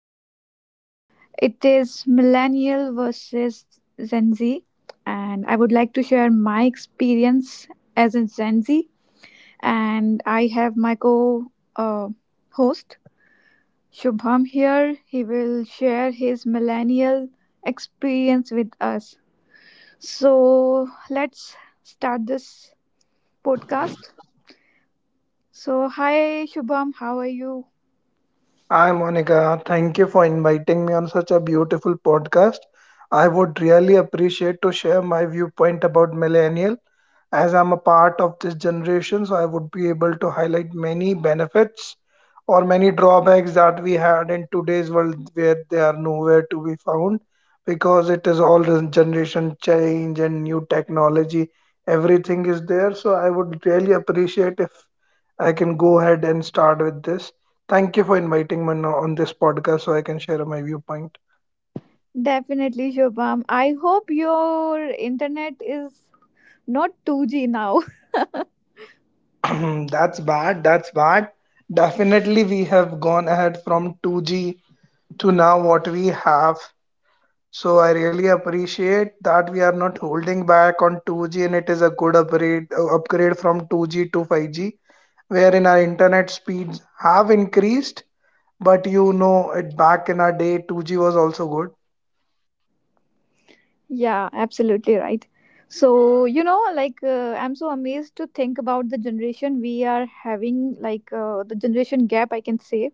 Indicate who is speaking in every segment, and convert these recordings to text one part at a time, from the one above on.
Speaker 1: channel. It is Millennial versus Gen Z, and I would like to share my experience as a Gen Z. And I have my co host Shubham here. He will share his millennial experience with us. So, let's start this podcast. So, hi, Shubham, how are you?
Speaker 2: Hi, Monica. Thank you for inviting me on such a beautiful podcast. I would really appreciate to share my viewpoint about millennial. As I'm a part of this generation, so I would be able to highlight many benefits or many drawbacks that we had in today's world where they are nowhere to be found because it is all the generation change and new technology. Everything is there. So I would really appreciate if I can go ahead and start with this. Thank you for inviting me on this podcast so I can share my viewpoint.
Speaker 1: Definitely, Shobham. I hope your internet is not 2G now.
Speaker 2: That's bad. That's bad. Definitely, we have gone ahead from 2G to now what we have. So I really appreciate that we are not holding back on 2G, and it is a good upgrade from 2G to 5G, wherein our internet speeds have increased. But it back in our day, 2G was also good.
Speaker 1: Yeah, absolutely right. So, you know, like, I'm so amazed to think about the generation we are having, like, the generation gap, I can say.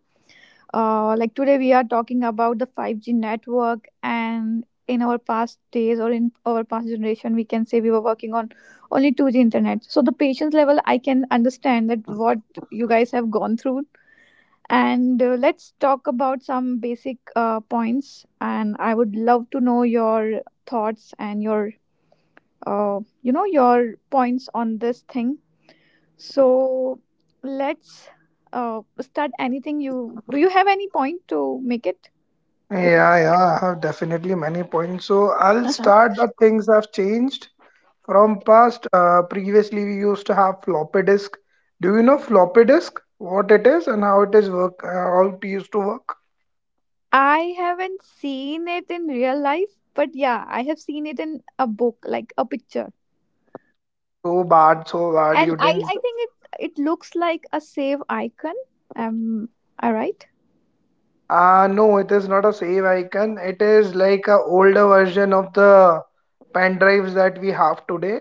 Speaker 1: Like, today we are talking about the 5G network, and in our past days or in our past generation, we can say we were working on only 2G internet. So, the patience level, I can understand that what you guys have gone through. And let's talk about some basic points. And I would love to know your thoughts and your, your points on this thing. So let's start. Anything you do? You have any point to make it? With
Speaker 2: Yeah, yeah, I have definitely many points. So I'll
Speaker 1: uh
Speaker 2: start that things have changed. From past, previously we used to have floppy disk. Do you know floppy disk? What it is and how it is work? How it used to work?
Speaker 1: I haven't seen it in real life, but yeah, I have seen it in a book, like a picture.
Speaker 2: So bad, so bad.
Speaker 1: And
Speaker 2: You
Speaker 1: I,
Speaker 2: didn't.
Speaker 1: I think it looks like a save icon. Am I right?
Speaker 2: No, it is not a save icon. It is like a older version of the pen drives that we have today,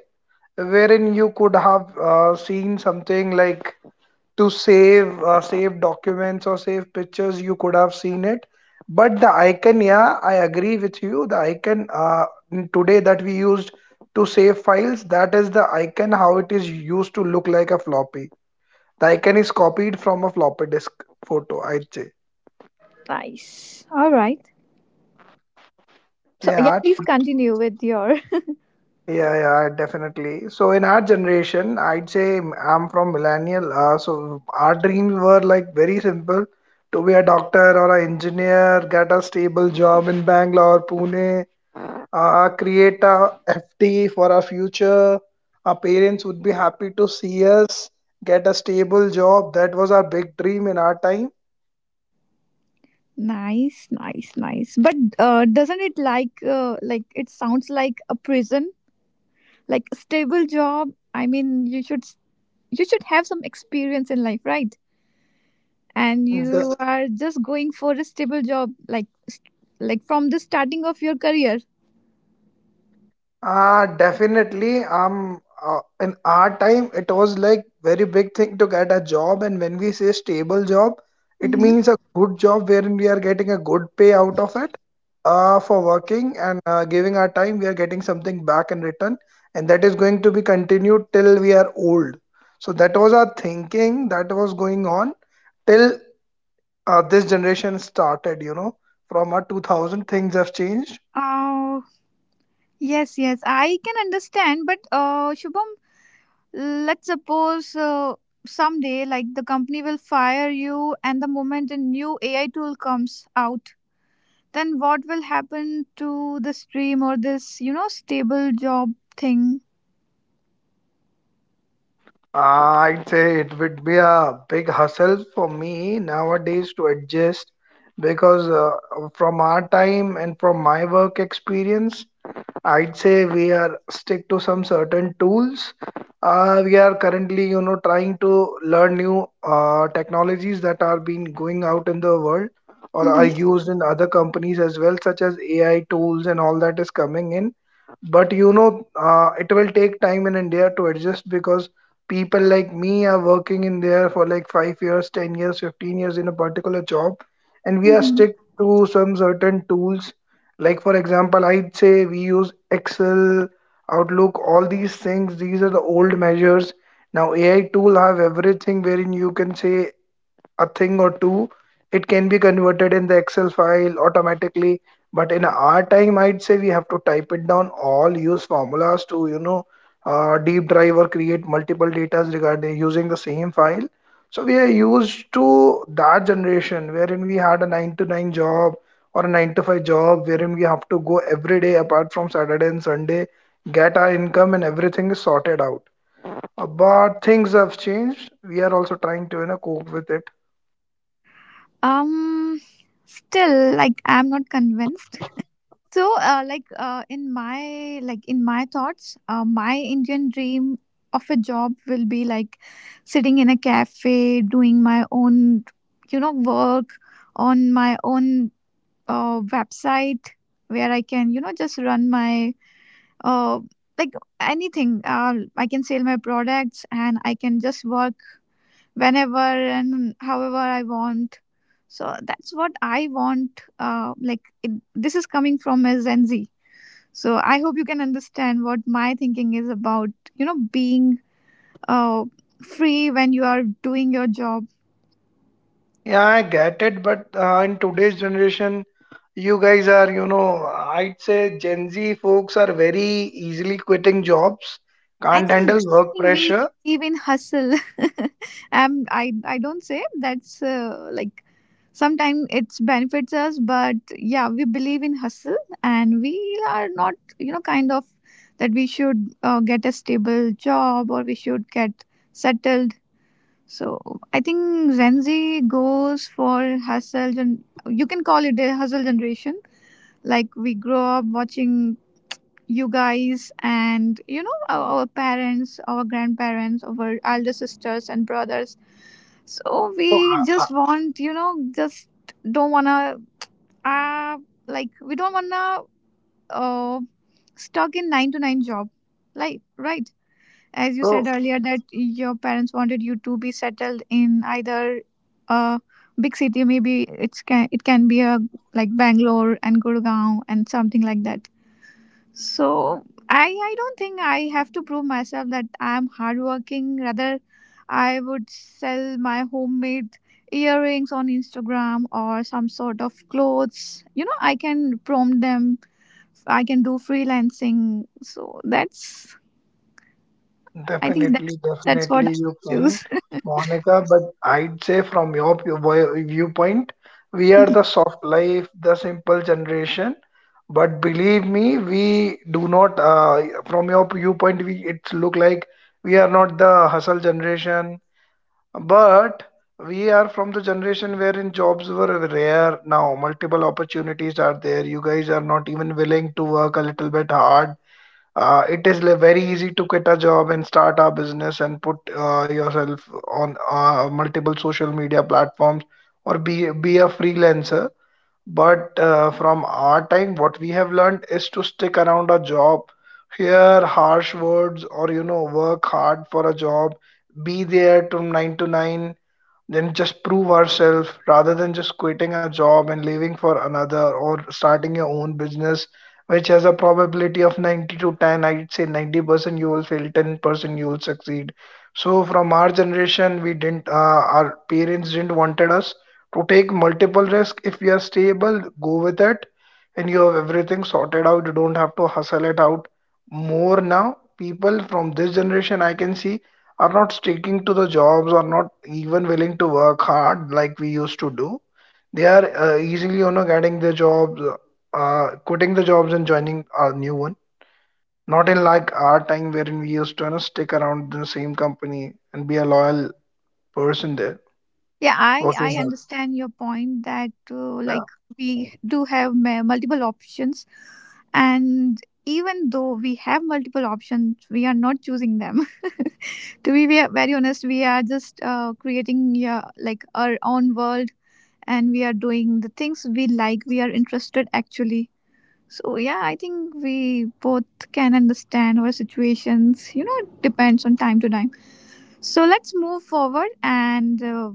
Speaker 2: wherein you could have seen something like to save documents or save pictures you could have seen it, but the icon, yeah, I agree with you. The icon today that we used to save files, that is the icon how it is used to look like a floppy. The icon is copied from a floppy disk photo, I'd say.
Speaker 1: Nice. All right. So yeah,
Speaker 2: Yeah.
Speaker 1: please continue with your.
Speaker 2: Yeah, yeah, definitely. So in our generation, I'd say I'm from millennial. So our dreams were like very simple, to be a doctor or an engineer, get a stable job in Bangalore, Pune, create a FT for our future. Our parents would be happy to see us get a stable job. That was our big dream in our time.
Speaker 1: Nice, nice, nice. But doesn't it like it sounds like a prison, like a stable job? I mean, you should have some experience in life, right? And you are just going for a stable job, like from the starting of your career.
Speaker 2: Definitely. In our time, it was like very big thing to get a job, and when we say stable job, it
Speaker 1: Mm-hmm.
Speaker 2: means a good job wherein we are getting a good pay out of it, for working and giving our time. We are getting something back in return, and that is going to be continued till we are old. So that was our thinking that was going on till this generation started. You know, from our 2000, things have changed.
Speaker 1: Oh yes, yes, I can understand. But Shubham, let's suppose someday, like the company will fire you, and the moment a new AI tool comes out, then what will happen to the stream or this, you know, stable job thing?
Speaker 2: I'd say it would be a big hustle for me nowadays to adjust because from our time and from my work experience, I'd say we are stick to some certain tools. We are currently, you know, trying to learn new technologies that are being going out in the world or are
Speaker 1: Mhm.
Speaker 2: used in other companies as well, such as AI tools and all that is coming in. But you know, it will take time in India to adjust because people like me are working in there for like 5 years, 10 years, 15 years in a particular job, and we are
Speaker 1: Mhm.
Speaker 2: stick to some certain tools. Like, for example, I'd say we use Excel, Outlook, all these things. These are the old measures. Now, AI tool have everything wherein you can say a thing or two, it can be converted in the excel file automatically. But in our time, I'd say we have to type it down all, use formulas to, you know, deep drive or create multiple datas regarding using the same file. So we are used to that generation wherein we had a 9 to 9 job or a 9 to 5 job wherein we have to go every day apart from Saturday and Sunday, get our income and everything is sorted out. But things have changed. We are also trying to, you know, cope with it.
Speaker 1: Um, still, like I'm not convinced. So, in my in my thoughts, my Indian dream of a job will be like sitting in a cafe, doing my own, you know, work on my own website where I can, you know, just run my uh, like anything. I can sell my products and I can just work whenever and however I want. So that's what I want. This is coming from a Gen Z, so I hope you can understand what my thinking is about, you know, being uh, free when you are doing your job.
Speaker 2: Yeah, I get it, but in today's generation, you guys are, you know, I'd say Gen Z folks are very easily quitting jobs,
Speaker 1: I
Speaker 2: can't
Speaker 1: think,
Speaker 2: handle
Speaker 1: I
Speaker 2: work
Speaker 1: think we
Speaker 2: pressure.
Speaker 1: believe in hustle. I don't say that's like sometimes it benefits us, but yeah, we believe in hustle, and we are not, you know, kind of that we should get a stable job or we should get settled. So I think Gen Z goes for hustle. You can call it a hustle generation. Like we grow up watching you guys and you know our parents, our grandparents, our elder sisters and brothers. So
Speaker 2: So,
Speaker 1: we
Speaker 2: uh, uh,
Speaker 1: just want you know just don't wanna uh like we don't wanna uh stuck in nine to nine job. Like right as you
Speaker 2: so
Speaker 1: said earlier that your parents wanted you to be settled in either a big city, maybe it can be a like Bangalore and Gurgaon and something like that. So i I don't think I have to prove myself that I am hardworking, rather I would sell my homemade earrings on Instagram or some sort of clothes, you know, I can prompt them, I can do freelancing, so that's. I think that
Speaker 2: definitely,
Speaker 1: that's what I
Speaker 2: definitely you can,
Speaker 1: choose.
Speaker 2: Monica, but I'd say from your viewpoint, we are
Speaker 1: Mhm.
Speaker 2: the soft life, the simple generation. But believe me, we do not, from your viewpoint, we, it's look like we are not the hustle generation. But we are from the generation wherein jobs were rare. Now multiple opportunities are there. You guys are not even willing to work a little bit hard. It is very easy to quit a job and start a business and put yourself on multiple social media platforms or be a freelancer. But from our time, what we have learned is to stick around a job, hear harsh words, or you know, work hard for a job, be there from nine to nine, then just prove ourselves rather than just quitting a job and leaving for another or starting your own business, which has a probability of 90 to 10. I'd say 90% you will fail, 10% you will succeed. So from our generation, we didn't, our parents didn't wanted us to take multiple risks. If we are stable, go with it, and you have everything sorted out. You don't have to hustle it out more. Now people from this generation, I can see, are not sticking to the jobs, are not even willing to work hard like we used to do. They are easily, you know, getting the jobs, quitting the jobs and joining a new one, not in like our time wherein we used to, you know, stick around the same company and be a loyal person there,
Speaker 1: Yeah, I
Speaker 2: working
Speaker 1: I
Speaker 2: hard.
Speaker 1: understand your point that uh,
Speaker 2: Yeah,
Speaker 1: like we do have multiple options, and even though we have multiple options, we are not choosing them. To be very honest, we are just creating yeah, like our own world, and we are doing the things we like. We are interested actually. So yeah, I think we both can understand our situations. You know, it depends on time to time. So let's move forward, and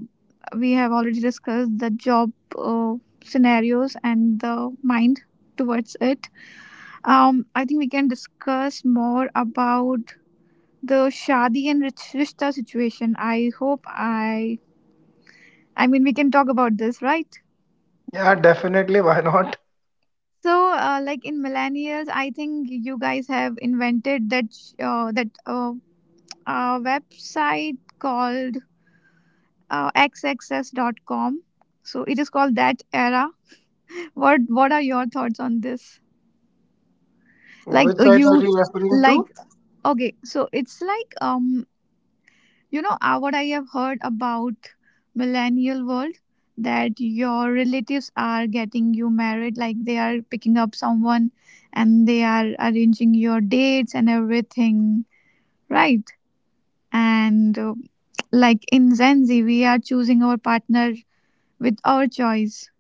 Speaker 1: we have already discussed the job scenarios and the mind towards it. I think we can discuss more about the Shadi and Rishta situation. I hope I. I mean, we can talk about this, right?
Speaker 2: yeah, definitely. Why not?
Speaker 1: So, in millennials, I think you guys have invented that website called xaccess.com. So it is called that era. What are your thoughts on this? Like
Speaker 2: Which site are you referring
Speaker 1: like
Speaker 2: to?
Speaker 1: okay, so it's like you know what I have heard about millennial world, that your relatives are getting you married, like they are picking up someone and they are arranging your dates and everything, right? And like in Gen Z, we are choosing our partner with our choice,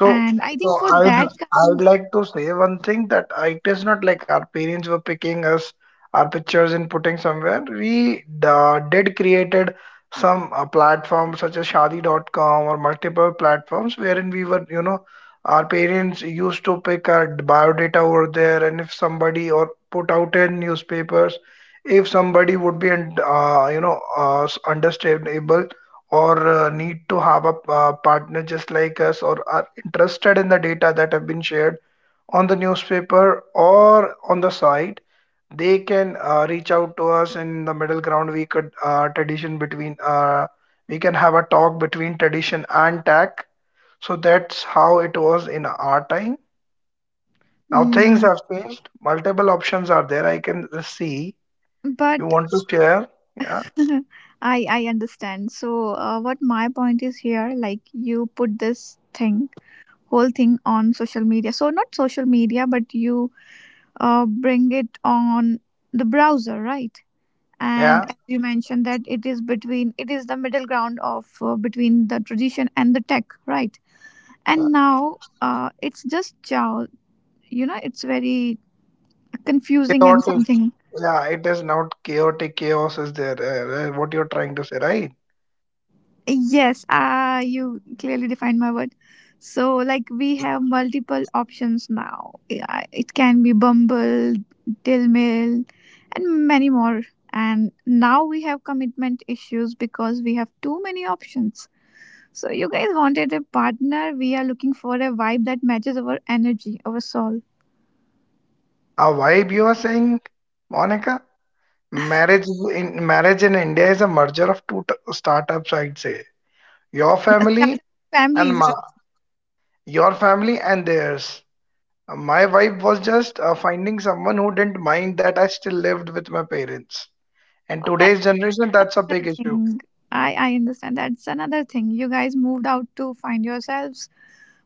Speaker 2: So,
Speaker 1: and I think
Speaker 2: so
Speaker 1: for
Speaker 2: I'd
Speaker 1: that
Speaker 2: I'd
Speaker 1: kind.
Speaker 2: like to say one thing that it is not like our parents were picking us, our pictures and putting somewhere. We did created some platforms such as Shadi.com or multiple platforms wherein we were, you know, our parents used to pick our biodata over there, and if somebody or put out in newspapers, if somebody would be and you know understandable or need to have a partner just like us, or are interested in the data that have been shared on the newspaper or on the site, they can reach out to us in the middle ground. We could tradition between we can have a talk between tradition and tech. So that's how it was in our time. Now things
Speaker 1: Hmm,
Speaker 2: have changed, multiple options are there, I can see. You
Speaker 1: but
Speaker 2: want to share? Yeah,
Speaker 1: I understand. So, what my point is here, like you put this thing, whole thing on social media. So not social media, but you bring it on the browser, right? And
Speaker 2: yeah.
Speaker 1: as you mentioned that it is the middle ground of between the tradition and the tech, right? And now it's just you know it's very
Speaker 2: Take
Speaker 1: confusing
Speaker 2: your
Speaker 1: and
Speaker 2: take.
Speaker 1: something.
Speaker 2: Yeah, it is not chaotic, chaos is there. What you're trying to say, right?
Speaker 1: Yes, you clearly defined my word. So, like, we have multiple options now. Yeah, it can be Bumble, Dill Mill, and many more. And now we have commitment issues because we have too many options. So, you guys wanted a partner. We are looking for a vibe that matches our energy, our soul.
Speaker 2: A vibe you are saying, Monica? Marriage in India is a merger of two startups, I'd say. Your
Speaker 1: Yes, that
Speaker 2: family and
Speaker 1: families, right?
Speaker 2: your family and theirs. My vibe was just finding someone who didn't mind that I still lived with my parents. And
Speaker 1: Oh, that's
Speaker 2: today's generation, that's a big
Speaker 1: another
Speaker 2: issue.
Speaker 1: thing. I understand. That's another thing. You guys moved out to find yourselves.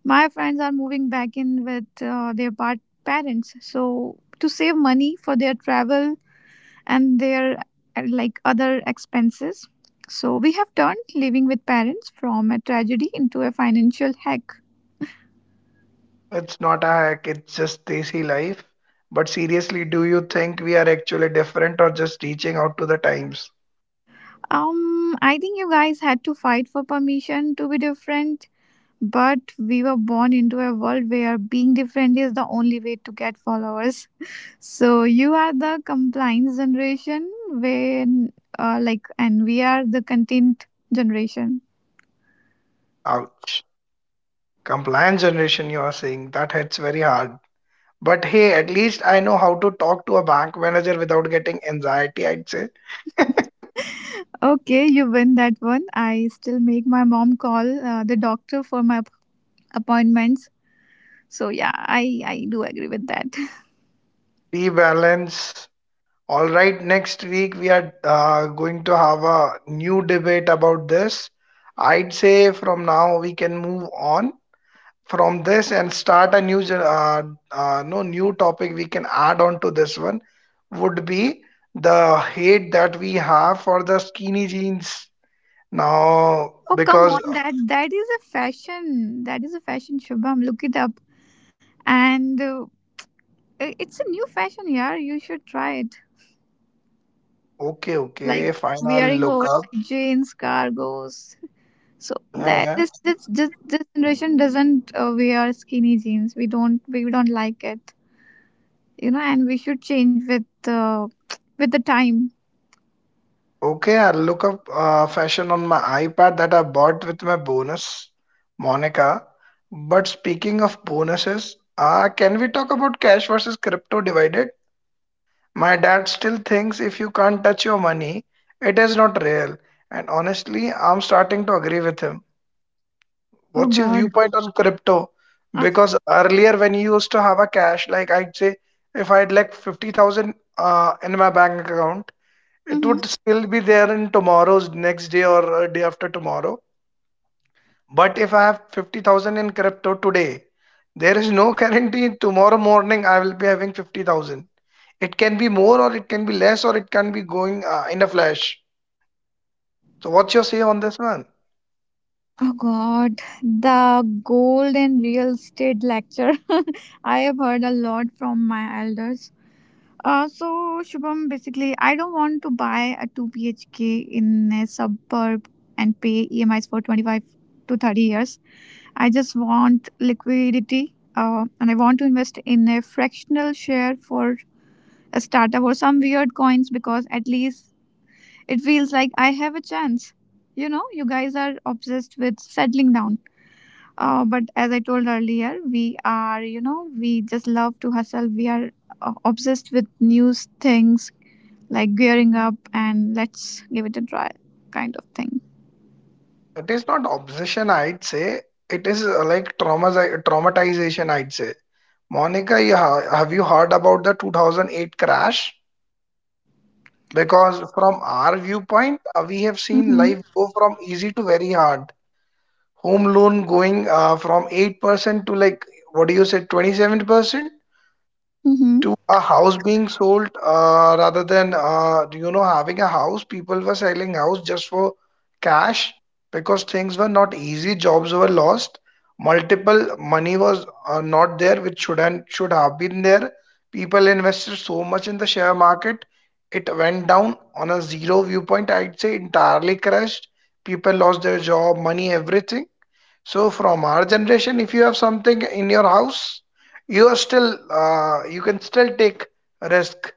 Speaker 1: My friends are moving back in with their parents, so to save money for their travel and their other expenses. So we have turned living with parents from a tragedy into a financial hack.
Speaker 2: It's not a hack, it's just desi life. But seriously, do you think we are actually different or just reaching out to the times?
Speaker 1: I think you guys had to fight for permission to be different. But we were born into a world where being different is the only way to get followers. So you are the compliance generation, when and we are the content generation.
Speaker 2: Ouch. Compliance generation, you are saying, that hits very hard. But hey, at least I know how to talk to a bank manager without getting anxiety, I'd say.
Speaker 1: Okay, you win that one. I still make my mom call the doctor for my appointments. So yeah, I do agree with that.
Speaker 2: Rebalance. All right, next week we are going to have a new debate about this. I'd say from now we can move on from this and start a new gen- no new topic we can add on to this one would be the hate that we have for the skinny jeans. Now,
Speaker 1: Oh come
Speaker 2: because
Speaker 1: on, that is a fashion. That is a fashion, Shubham. Look it up. And it's a new fashion, yeah. You should try it.
Speaker 2: okay,
Speaker 1: Like
Speaker 2: okay, fine. I'll
Speaker 1: wearing
Speaker 2: look up.
Speaker 1: oversized jeans, cargos. So
Speaker 2: Yeah,
Speaker 1: that
Speaker 2: yeah.
Speaker 1: this generation doesn't wear skinny jeans. We don't like it, you know. And we should change with the time.
Speaker 2: Okay, I'll look up fashion on my iPad that I bought with my bonus, Monica. But speaking of bonuses, can we talk about cash versus crypto divided? My dad still thinks if you can't touch your money, it is not real. And honestly, I'm starting to agree with him.
Speaker 1: Oh
Speaker 2: What's your
Speaker 1: God.
Speaker 2: viewpoint on crypto?
Speaker 1: Af-
Speaker 2: Because earlier when you used to have a cash, like I'd say if I had like 50,000 in my bank account, it
Speaker 1: Mhm.
Speaker 2: would still be there in tomorrow's next day or day after tomorrow. But if I have 50,000 in crypto today, there is no guarantee tomorrow morning I will be having 50,000. It can be more or it can be less or it can be going in a flash. So what's your say on this one?
Speaker 1: Oh God, the gold and real estate lecture. I have heard a lot from my elders. So Shubham, basically, I don't want to buy a two BHK in a suburb and pay EMIs for 25 to 30 years. I just want liquidity and I want to invest in a fractional share for a startup or some weird coins because at least it feels like I have a chance. You know, you guys are obsessed with settling down. But as I told earlier, we are, you know, we just love to hustle. We are obsessed with new things, like gearing up and let's give it a try kind of thing.
Speaker 2: It is not obsession, I'd say. It is like trauma, traumatization, I'd say. Monica, you ha have you heard about the 2008 crash? Because from our viewpoint, we have seen
Speaker 1: Mm-hmm.
Speaker 2: life go from easy to very hard. Home loan going from 8% to like, what do you say, 27%?
Speaker 1: Mm-hmm.
Speaker 2: To a house being sold rather than having a house, people were selling house just for cash, because things were not easy, jobs were lost, multiple money was not there, which should and should have been there. People invested so much in the share market, it went down on a zero viewpoint, I'd say, entirely crashed. People lost their job, money, everything. So from our generation, if you have something in your house, you are still you can still take risk.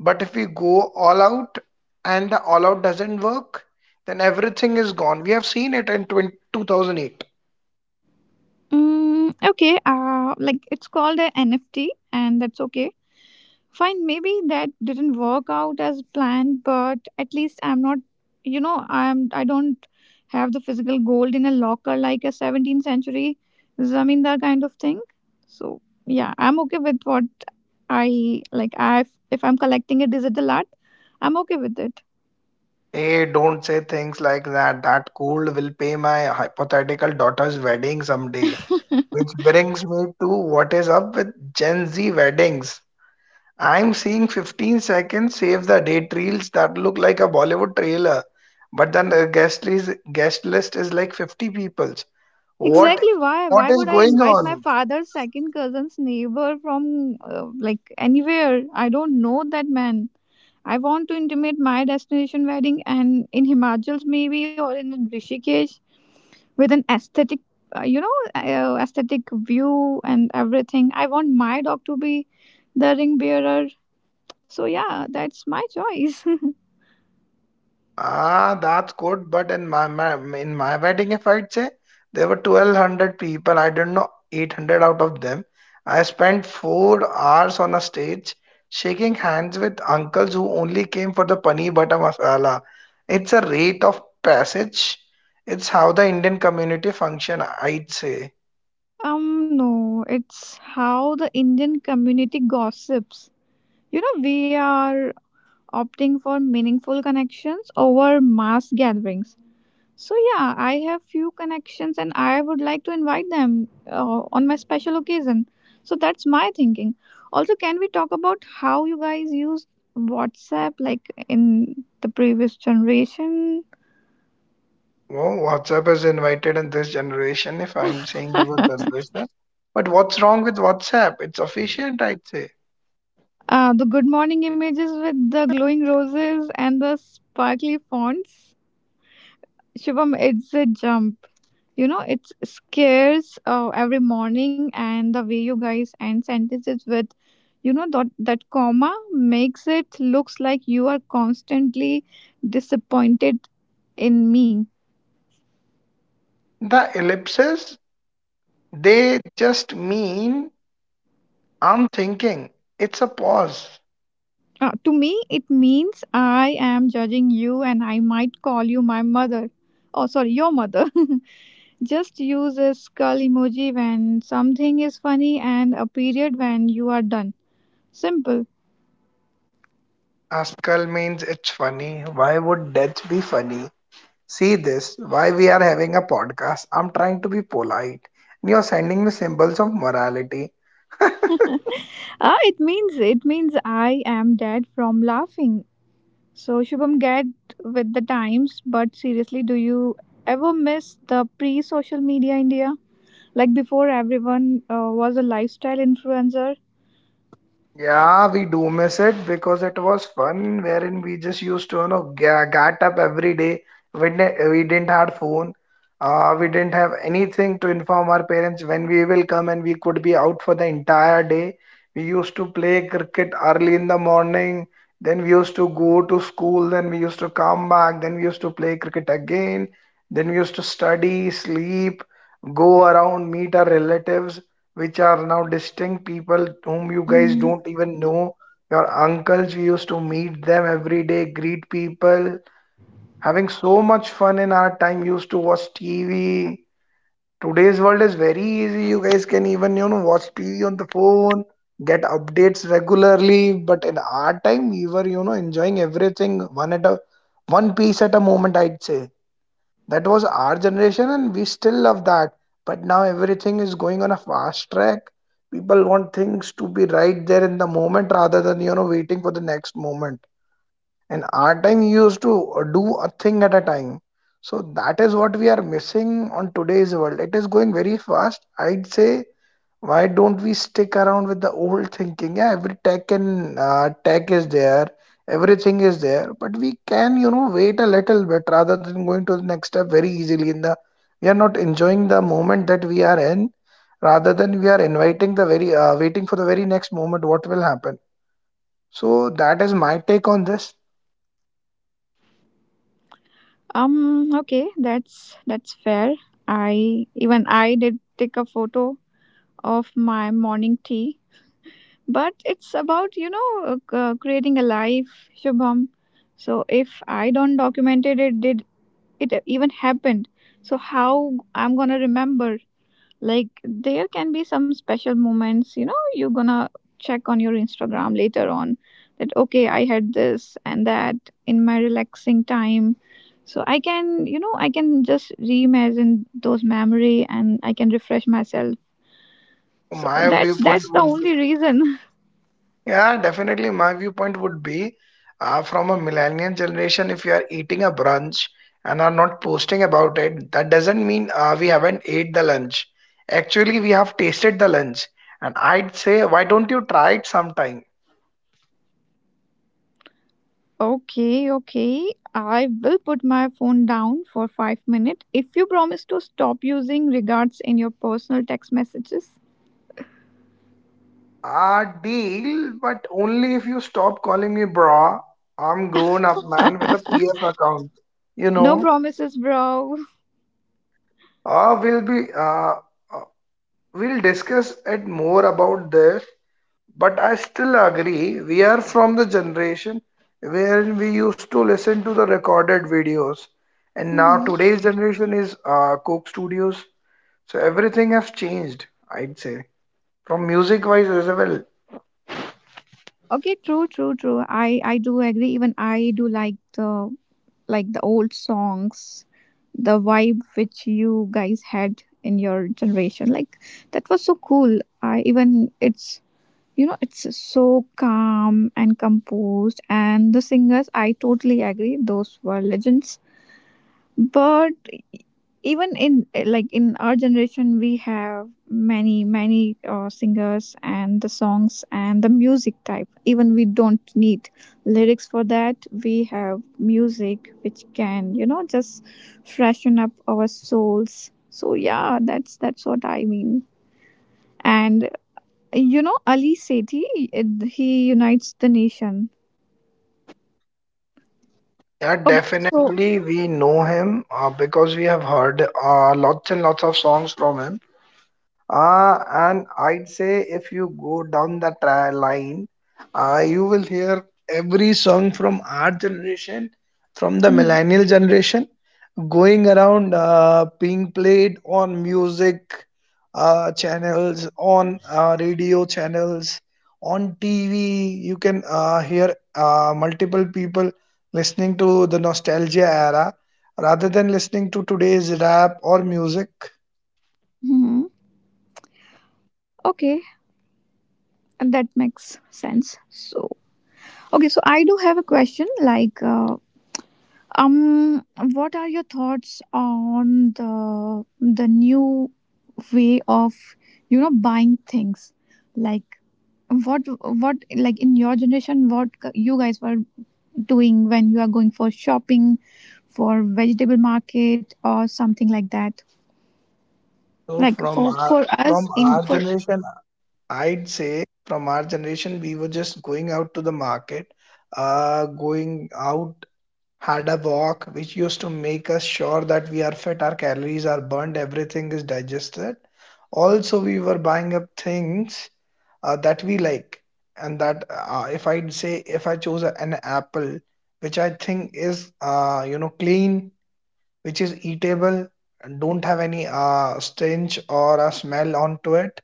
Speaker 2: But if we go all out and the all out doesn't work, then everything is gone. We have seen it in 2008.
Speaker 1: Mm, okay, like it's called a NFT, and that's okay. Fine, maybe that didn't work out as planned, but at least I'm not, you know, I don't have the physical gold in a locker like a 17th century zamindar kind of thing. So yeah, I'm okay with what I like. I if I'm collecting a digital art, I'm okay with it.
Speaker 2: Hey, don't say things like that. That cold will pay my hypothetical daughter's wedding someday. Which brings me to what is up with Gen Z weddings. I'm seeing 15 seconds save the date reels that look like a Bollywood trailer, but then the guest list is like 50 people's. What
Speaker 1: Exactly why?
Speaker 2: what
Speaker 1: Why
Speaker 2: is
Speaker 1: would I
Speaker 2: going
Speaker 1: invite my
Speaker 2: on?
Speaker 1: father's second cousin's neighbor from anywhere? I don't know that man. I want to intimate my destination wedding and in Himachals maybe or in Rishikesh with an aesthetic, aesthetic view and everything. I want my dog to be the ring bearer. So yeah, that's my choice.
Speaker 2: Ah, that's good. But in my wedding, if I'd say there were 1,200 people. I don't know 800 out of them. I spent 4 hours on a stage shaking hands with uncles who only came for the paneer butter masala. It's a rite of passage. It's how the Indian community function, I'd say.
Speaker 1: Um, no, it's how the Indian community gossips. You know, we are opting for meaningful connections over mass gatherings. So yeah, I have few connections and I would like to invite them on my special occasion. So that's my thinking. Also, can we talk about how you guys use WhatsApp like in the previous generation?
Speaker 2: Oh, WhatsApp is invited in this generation, if I'm saying about this. But what's wrong with WhatsApp? It's efficient, I'd say.
Speaker 1: The good morning images with the glowing roses and the sparkly fonts. Shubham, it's a jump. You know, it scares every morning, and the way you guys end sentences with, you know, that comma makes it looks like you are constantly disappointed in me.
Speaker 2: The ellipses, they just mean I'm thinking. It's a pause.
Speaker 1: To me, it means I am judging you, and I might call you my mother. Oh, sorry, your mother. Just use a skull emoji when something is funny, and a period when you are done. Simple.
Speaker 2: Askal means it's funny. Why would death be funny? See this. Why we are having a podcast? I'm trying to be polite. You're sending me symbols of morality.
Speaker 1: Ah, it means I am dead from laughing. So, Shubham, get with the times. But seriously, do you ever miss the pre social media India? Like before, everyone was a lifestyle influencer.
Speaker 2: Yeah, we do miss it because it was fun, wherein we just used to, you know, get up every day. We didn't have phone. We didn't have anything to inform our parents when we will come, and we could be out for the entire day. We used to play cricket early in the morning. Then we used to go to school. Then we used to come back. Then we used to play cricket again. Then we used to study, sleep, go around, meet our relatives, which are now distinct people whom you guys don't
Speaker 1: Mm,
Speaker 2: even know. Your uncles, we used to meet them every day, greet people, having so much fun in our time. Used to watch TV. Today's world is very easy. You guys can even, you know, watch TV on the phone, get updates regularly. But in our time, we were, you know, enjoying everything one piece at a moment, I'd say. That was our generation and we still love that, but now everything is going on a fast track. People want things to be right there in the moment rather than, you know, waiting for the next moment. In our time, you used to do a thing at a time. So that is what we are missing on today's world. It is going very fast, I'd say. Why don't we stick around with the old thinking? Yeah, every tech and tech is there, everything is there, but we can, you know, wait a little bit rather than going to the next step very easily. In the, we are not enjoying the moment that we are in, rather than we are inviting the very waiting for the very next moment, what will happen. So that is my take on this.
Speaker 1: Okay, that's fair. I did take a photo of my morning tea, but it's about creating a life, Shubham. So if I don't documented it, did it even happened? So how I'm gonna remember? Like there can be some special moments, you know, you're gonna check on your Instagram later on that okay, I had this and that in my relaxing time. So I can, you know, I can just reimagine those memory and I can refresh myself. So
Speaker 2: My
Speaker 1: that's
Speaker 2: viewpoint
Speaker 1: that's the
Speaker 2: would
Speaker 1: only reason.
Speaker 2: Yeah, definitely. My viewpoint would be from a millennial generation, if you are eating a brunch and are not posting about it, that doesn't mean we haven't ate the lunch. Actually, we have tasted the lunch. And I'd say, why don't you try it sometime?
Speaker 1: Okay, okay. I will put my phone down for 5 minutes if you promise to stop using regards in your personal text messages.
Speaker 2: Ah, deal, but only if you stop calling me bra. I'm grown up man with a PF account. You
Speaker 1: No
Speaker 2: know,
Speaker 1: promises, bro.
Speaker 2: uh, we'll be uh, uh, we'll discuss it more about this. But I still agree, we are from the generation wherein we used to listen to the recorded videos, and now today's generation is Coke Studios. So everything has changed, I'd say, from music wise as well.
Speaker 1: Okay, true, true, true. I do agree. Even I do like the old songs, the vibe which you guys had in your generation. Like that was so cool. I even it's, you know, it's so calm and composed, and the singers. I totally agree. Those were legends. But even like in our generation we have many singers and the songs and the music type, even we don't need lyrics for that. We have music which can, you know, just freshen up our souls. So yeah, that's what I mean. And, you know, Ali Sethi, he unites the nation.
Speaker 2: Yeah,
Speaker 1: Okay, so
Speaker 2: definitely we know him because we have heard lots and lots of songs from him. And I'd say if you go down the line, you will hear every song from our generation, from the
Speaker 1: mhm.
Speaker 2: millennial generation, going around being played on music channels, on radio channels, on TV. You can hear multiple people listening to the nostalgia era rather than listening to today's rap or music.
Speaker 1: Mhm. Okay, and that makes sense. So okay, so I do have a question, like um what are your thoughts on the new way of, you know, buying things. Like what, what in your generation, what you guys were doing when you are going for shopping, for vegetable market or something like that.
Speaker 2: So
Speaker 1: Like
Speaker 2: from
Speaker 1: for
Speaker 2: our
Speaker 1: for
Speaker 2: from
Speaker 1: us in
Speaker 2: our
Speaker 1: for
Speaker 2: generation, I'd say from our generation, we were just going out to the market, going out, had a walk, which used to make us sure that we are fit, our calories are burned, everything is digested. Also, we were buying up things that we like, and that if I'd say if I chose an apple, which I think is clean, which is eatable and don't have any stench or a smell onto it.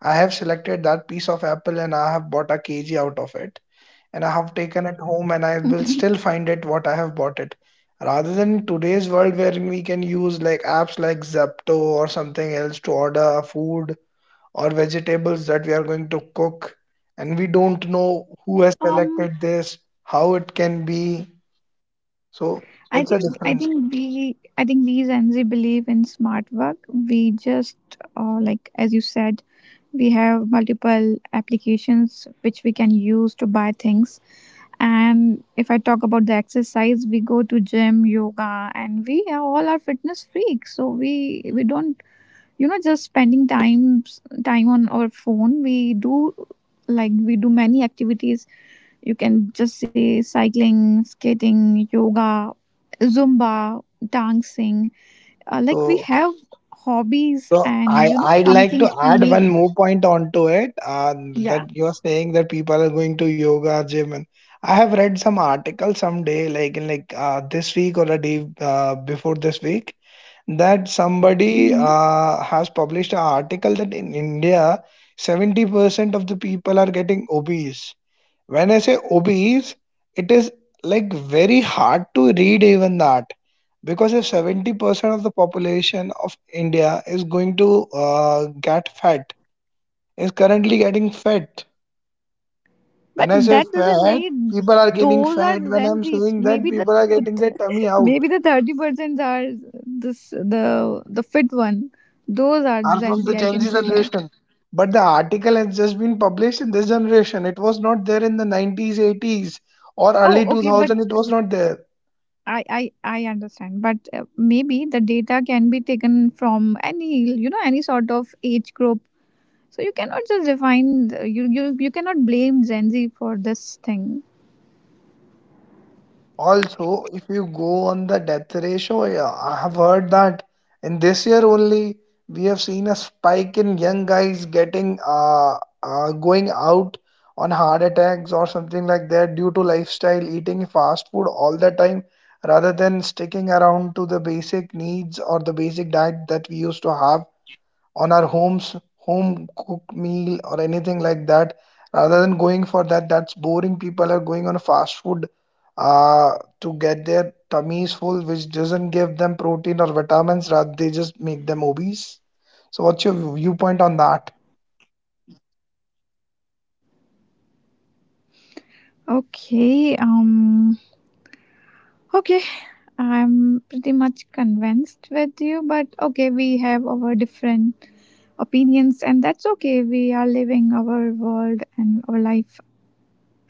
Speaker 2: I have selected that piece of apple and I have bought a kg out of it, and I have taken it home and I will still find it what I have bought it. Rather than today's world wherein we can use like apps like Zepto or something else to order food or vegetables that we are going to cook, and we don't know
Speaker 1: um
Speaker 2: who has selected this, how it can be.
Speaker 1: I
Speaker 2: So
Speaker 1: think,
Speaker 2: it's a difference.
Speaker 1: we, I think we Gen Z believe in smart work. We just like as you said, we have multiple applications which we can use to buy things. And if I talk about the exercise, we go to gym, yoga, and we are all are fitness freaks. So we don't, you know, just spending time on our phone. We do many activities. You can just say cycling, skating, yoga, Zumba, dancing. Like we
Speaker 2: So
Speaker 1: have hobbies,
Speaker 2: So
Speaker 1: and
Speaker 2: I
Speaker 1: you know,
Speaker 2: I'd like
Speaker 1: something
Speaker 2: to
Speaker 1: to
Speaker 2: add
Speaker 1: make.
Speaker 2: one more point onto it,
Speaker 1: Yeah.
Speaker 2: that you're saying that people are going to yoga gym, and I have read some article someday like in like this week or a day before this week, that
Speaker 1: Hmm.
Speaker 2: somebody has published an article that in India 70% of the people are getting obese. When I say obese, it is like very hard to read even that, because if 70% of the population of India is going to get fat, is currently getting fat.
Speaker 1: But
Speaker 2: When
Speaker 1: that
Speaker 2: I say
Speaker 1: doesn't
Speaker 2: fat,
Speaker 1: mean
Speaker 2: people are
Speaker 1: those
Speaker 2: getting
Speaker 1: are
Speaker 2: fat.
Speaker 1: Gen
Speaker 2: When
Speaker 1: Zs.
Speaker 2: I'm
Speaker 1: Maybe
Speaker 2: saying
Speaker 1: the,
Speaker 2: that, people
Speaker 1: the
Speaker 2: are getting their tummy
Speaker 1: maybe the
Speaker 2: out,
Speaker 1: 30% are this the fit one. Those are
Speaker 2: are
Speaker 1: Gen Z.
Speaker 2: from
Speaker 1: I
Speaker 2: the
Speaker 1: can
Speaker 2: Gen
Speaker 1: say
Speaker 2: Z
Speaker 1: that.
Speaker 2: generation. But the article has just been published in this generation. It was not there in the 90s, 80s, or
Speaker 1: Oh,
Speaker 2: early
Speaker 1: okay, but
Speaker 2: 2000. It was not there.
Speaker 1: I understand, but maybe the data can be taken from any, you know, any sort of age group. So you cannot just define you cannot blame Gen Z for this thing.
Speaker 2: Also, if you go on the death ratio, yeah, I have heard that in this year only we have seen a spike in young guys getting going out on heart attacks or something like that due to lifestyle, eating fast food all the time, rather than sticking around to the basic needs or the basic diet that we used to have on our homes, home cooked meal or anything like that. Rather than going for that, that's boring, people are going on a fast food uh, to get their tummies full, which doesn't give them protein or vitamins, rather they just make them obese. So what's your viewpoint on that?
Speaker 1: Okay, okay, I'm pretty much convinced with you, but okay, we have our different opinions, and that's okay. We are living our world and our life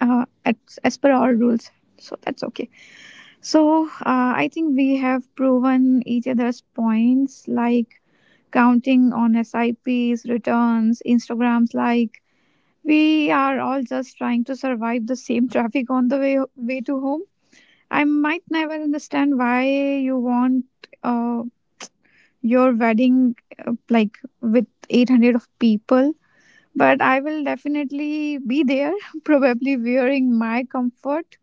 Speaker 1: uh, as, as per our rules, so that's okay. So I think we have proven each other's points, like counting on SIPs, returns, Instagrams. Like we are all just trying to survive the same traffic on the way to home. I might never understand why you want uh, your wedding like with 800 of people, but I will definitely be there, probably wearing my comfort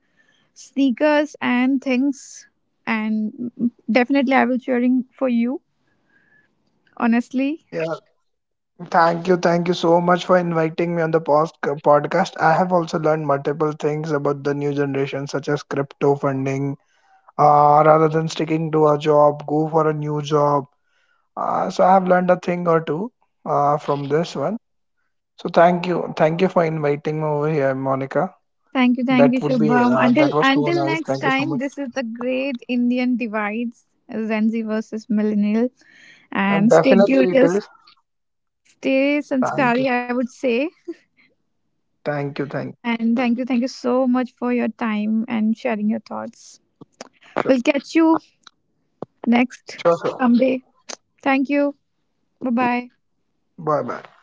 Speaker 1: sneakers and things, and definitely I will cheering for you, honestly.
Speaker 2: Yeah, thank you, thank you so much for inviting me on the podcast. I have also learned multiple things about the new generation, such as crypto funding, rather than sticking to a job, go for a new job. So I have learned a thing or two from this one. So thank you for inviting me over here, Monica.
Speaker 1: Thank you,
Speaker 2: That would be
Speaker 1: Shubham. until
Speaker 2: that was so
Speaker 1: until
Speaker 2: nice.
Speaker 1: next
Speaker 2: Thank you so
Speaker 1: time,
Speaker 2: much.
Speaker 1: this is the Great Indian Divides, Gen Z versus millennial. And
Speaker 2: And
Speaker 1: stay
Speaker 2: definitely it
Speaker 1: curious,
Speaker 2: is.
Speaker 1: stay sanskari,
Speaker 2: Thank
Speaker 1: I
Speaker 2: you,
Speaker 1: would say.
Speaker 2: thank you, thank
Speaker 1: And thank you, so much for your time and sharing your thoughts.
Speaker 2: you.
Speaker 1: We'll
Speaker 2: Sure,
Speaker 1: catch you next
Speaker 2: sure, sure.
Speaker 1: someday. Thank you. Bye bye.
Speaker 2: Bye, bye.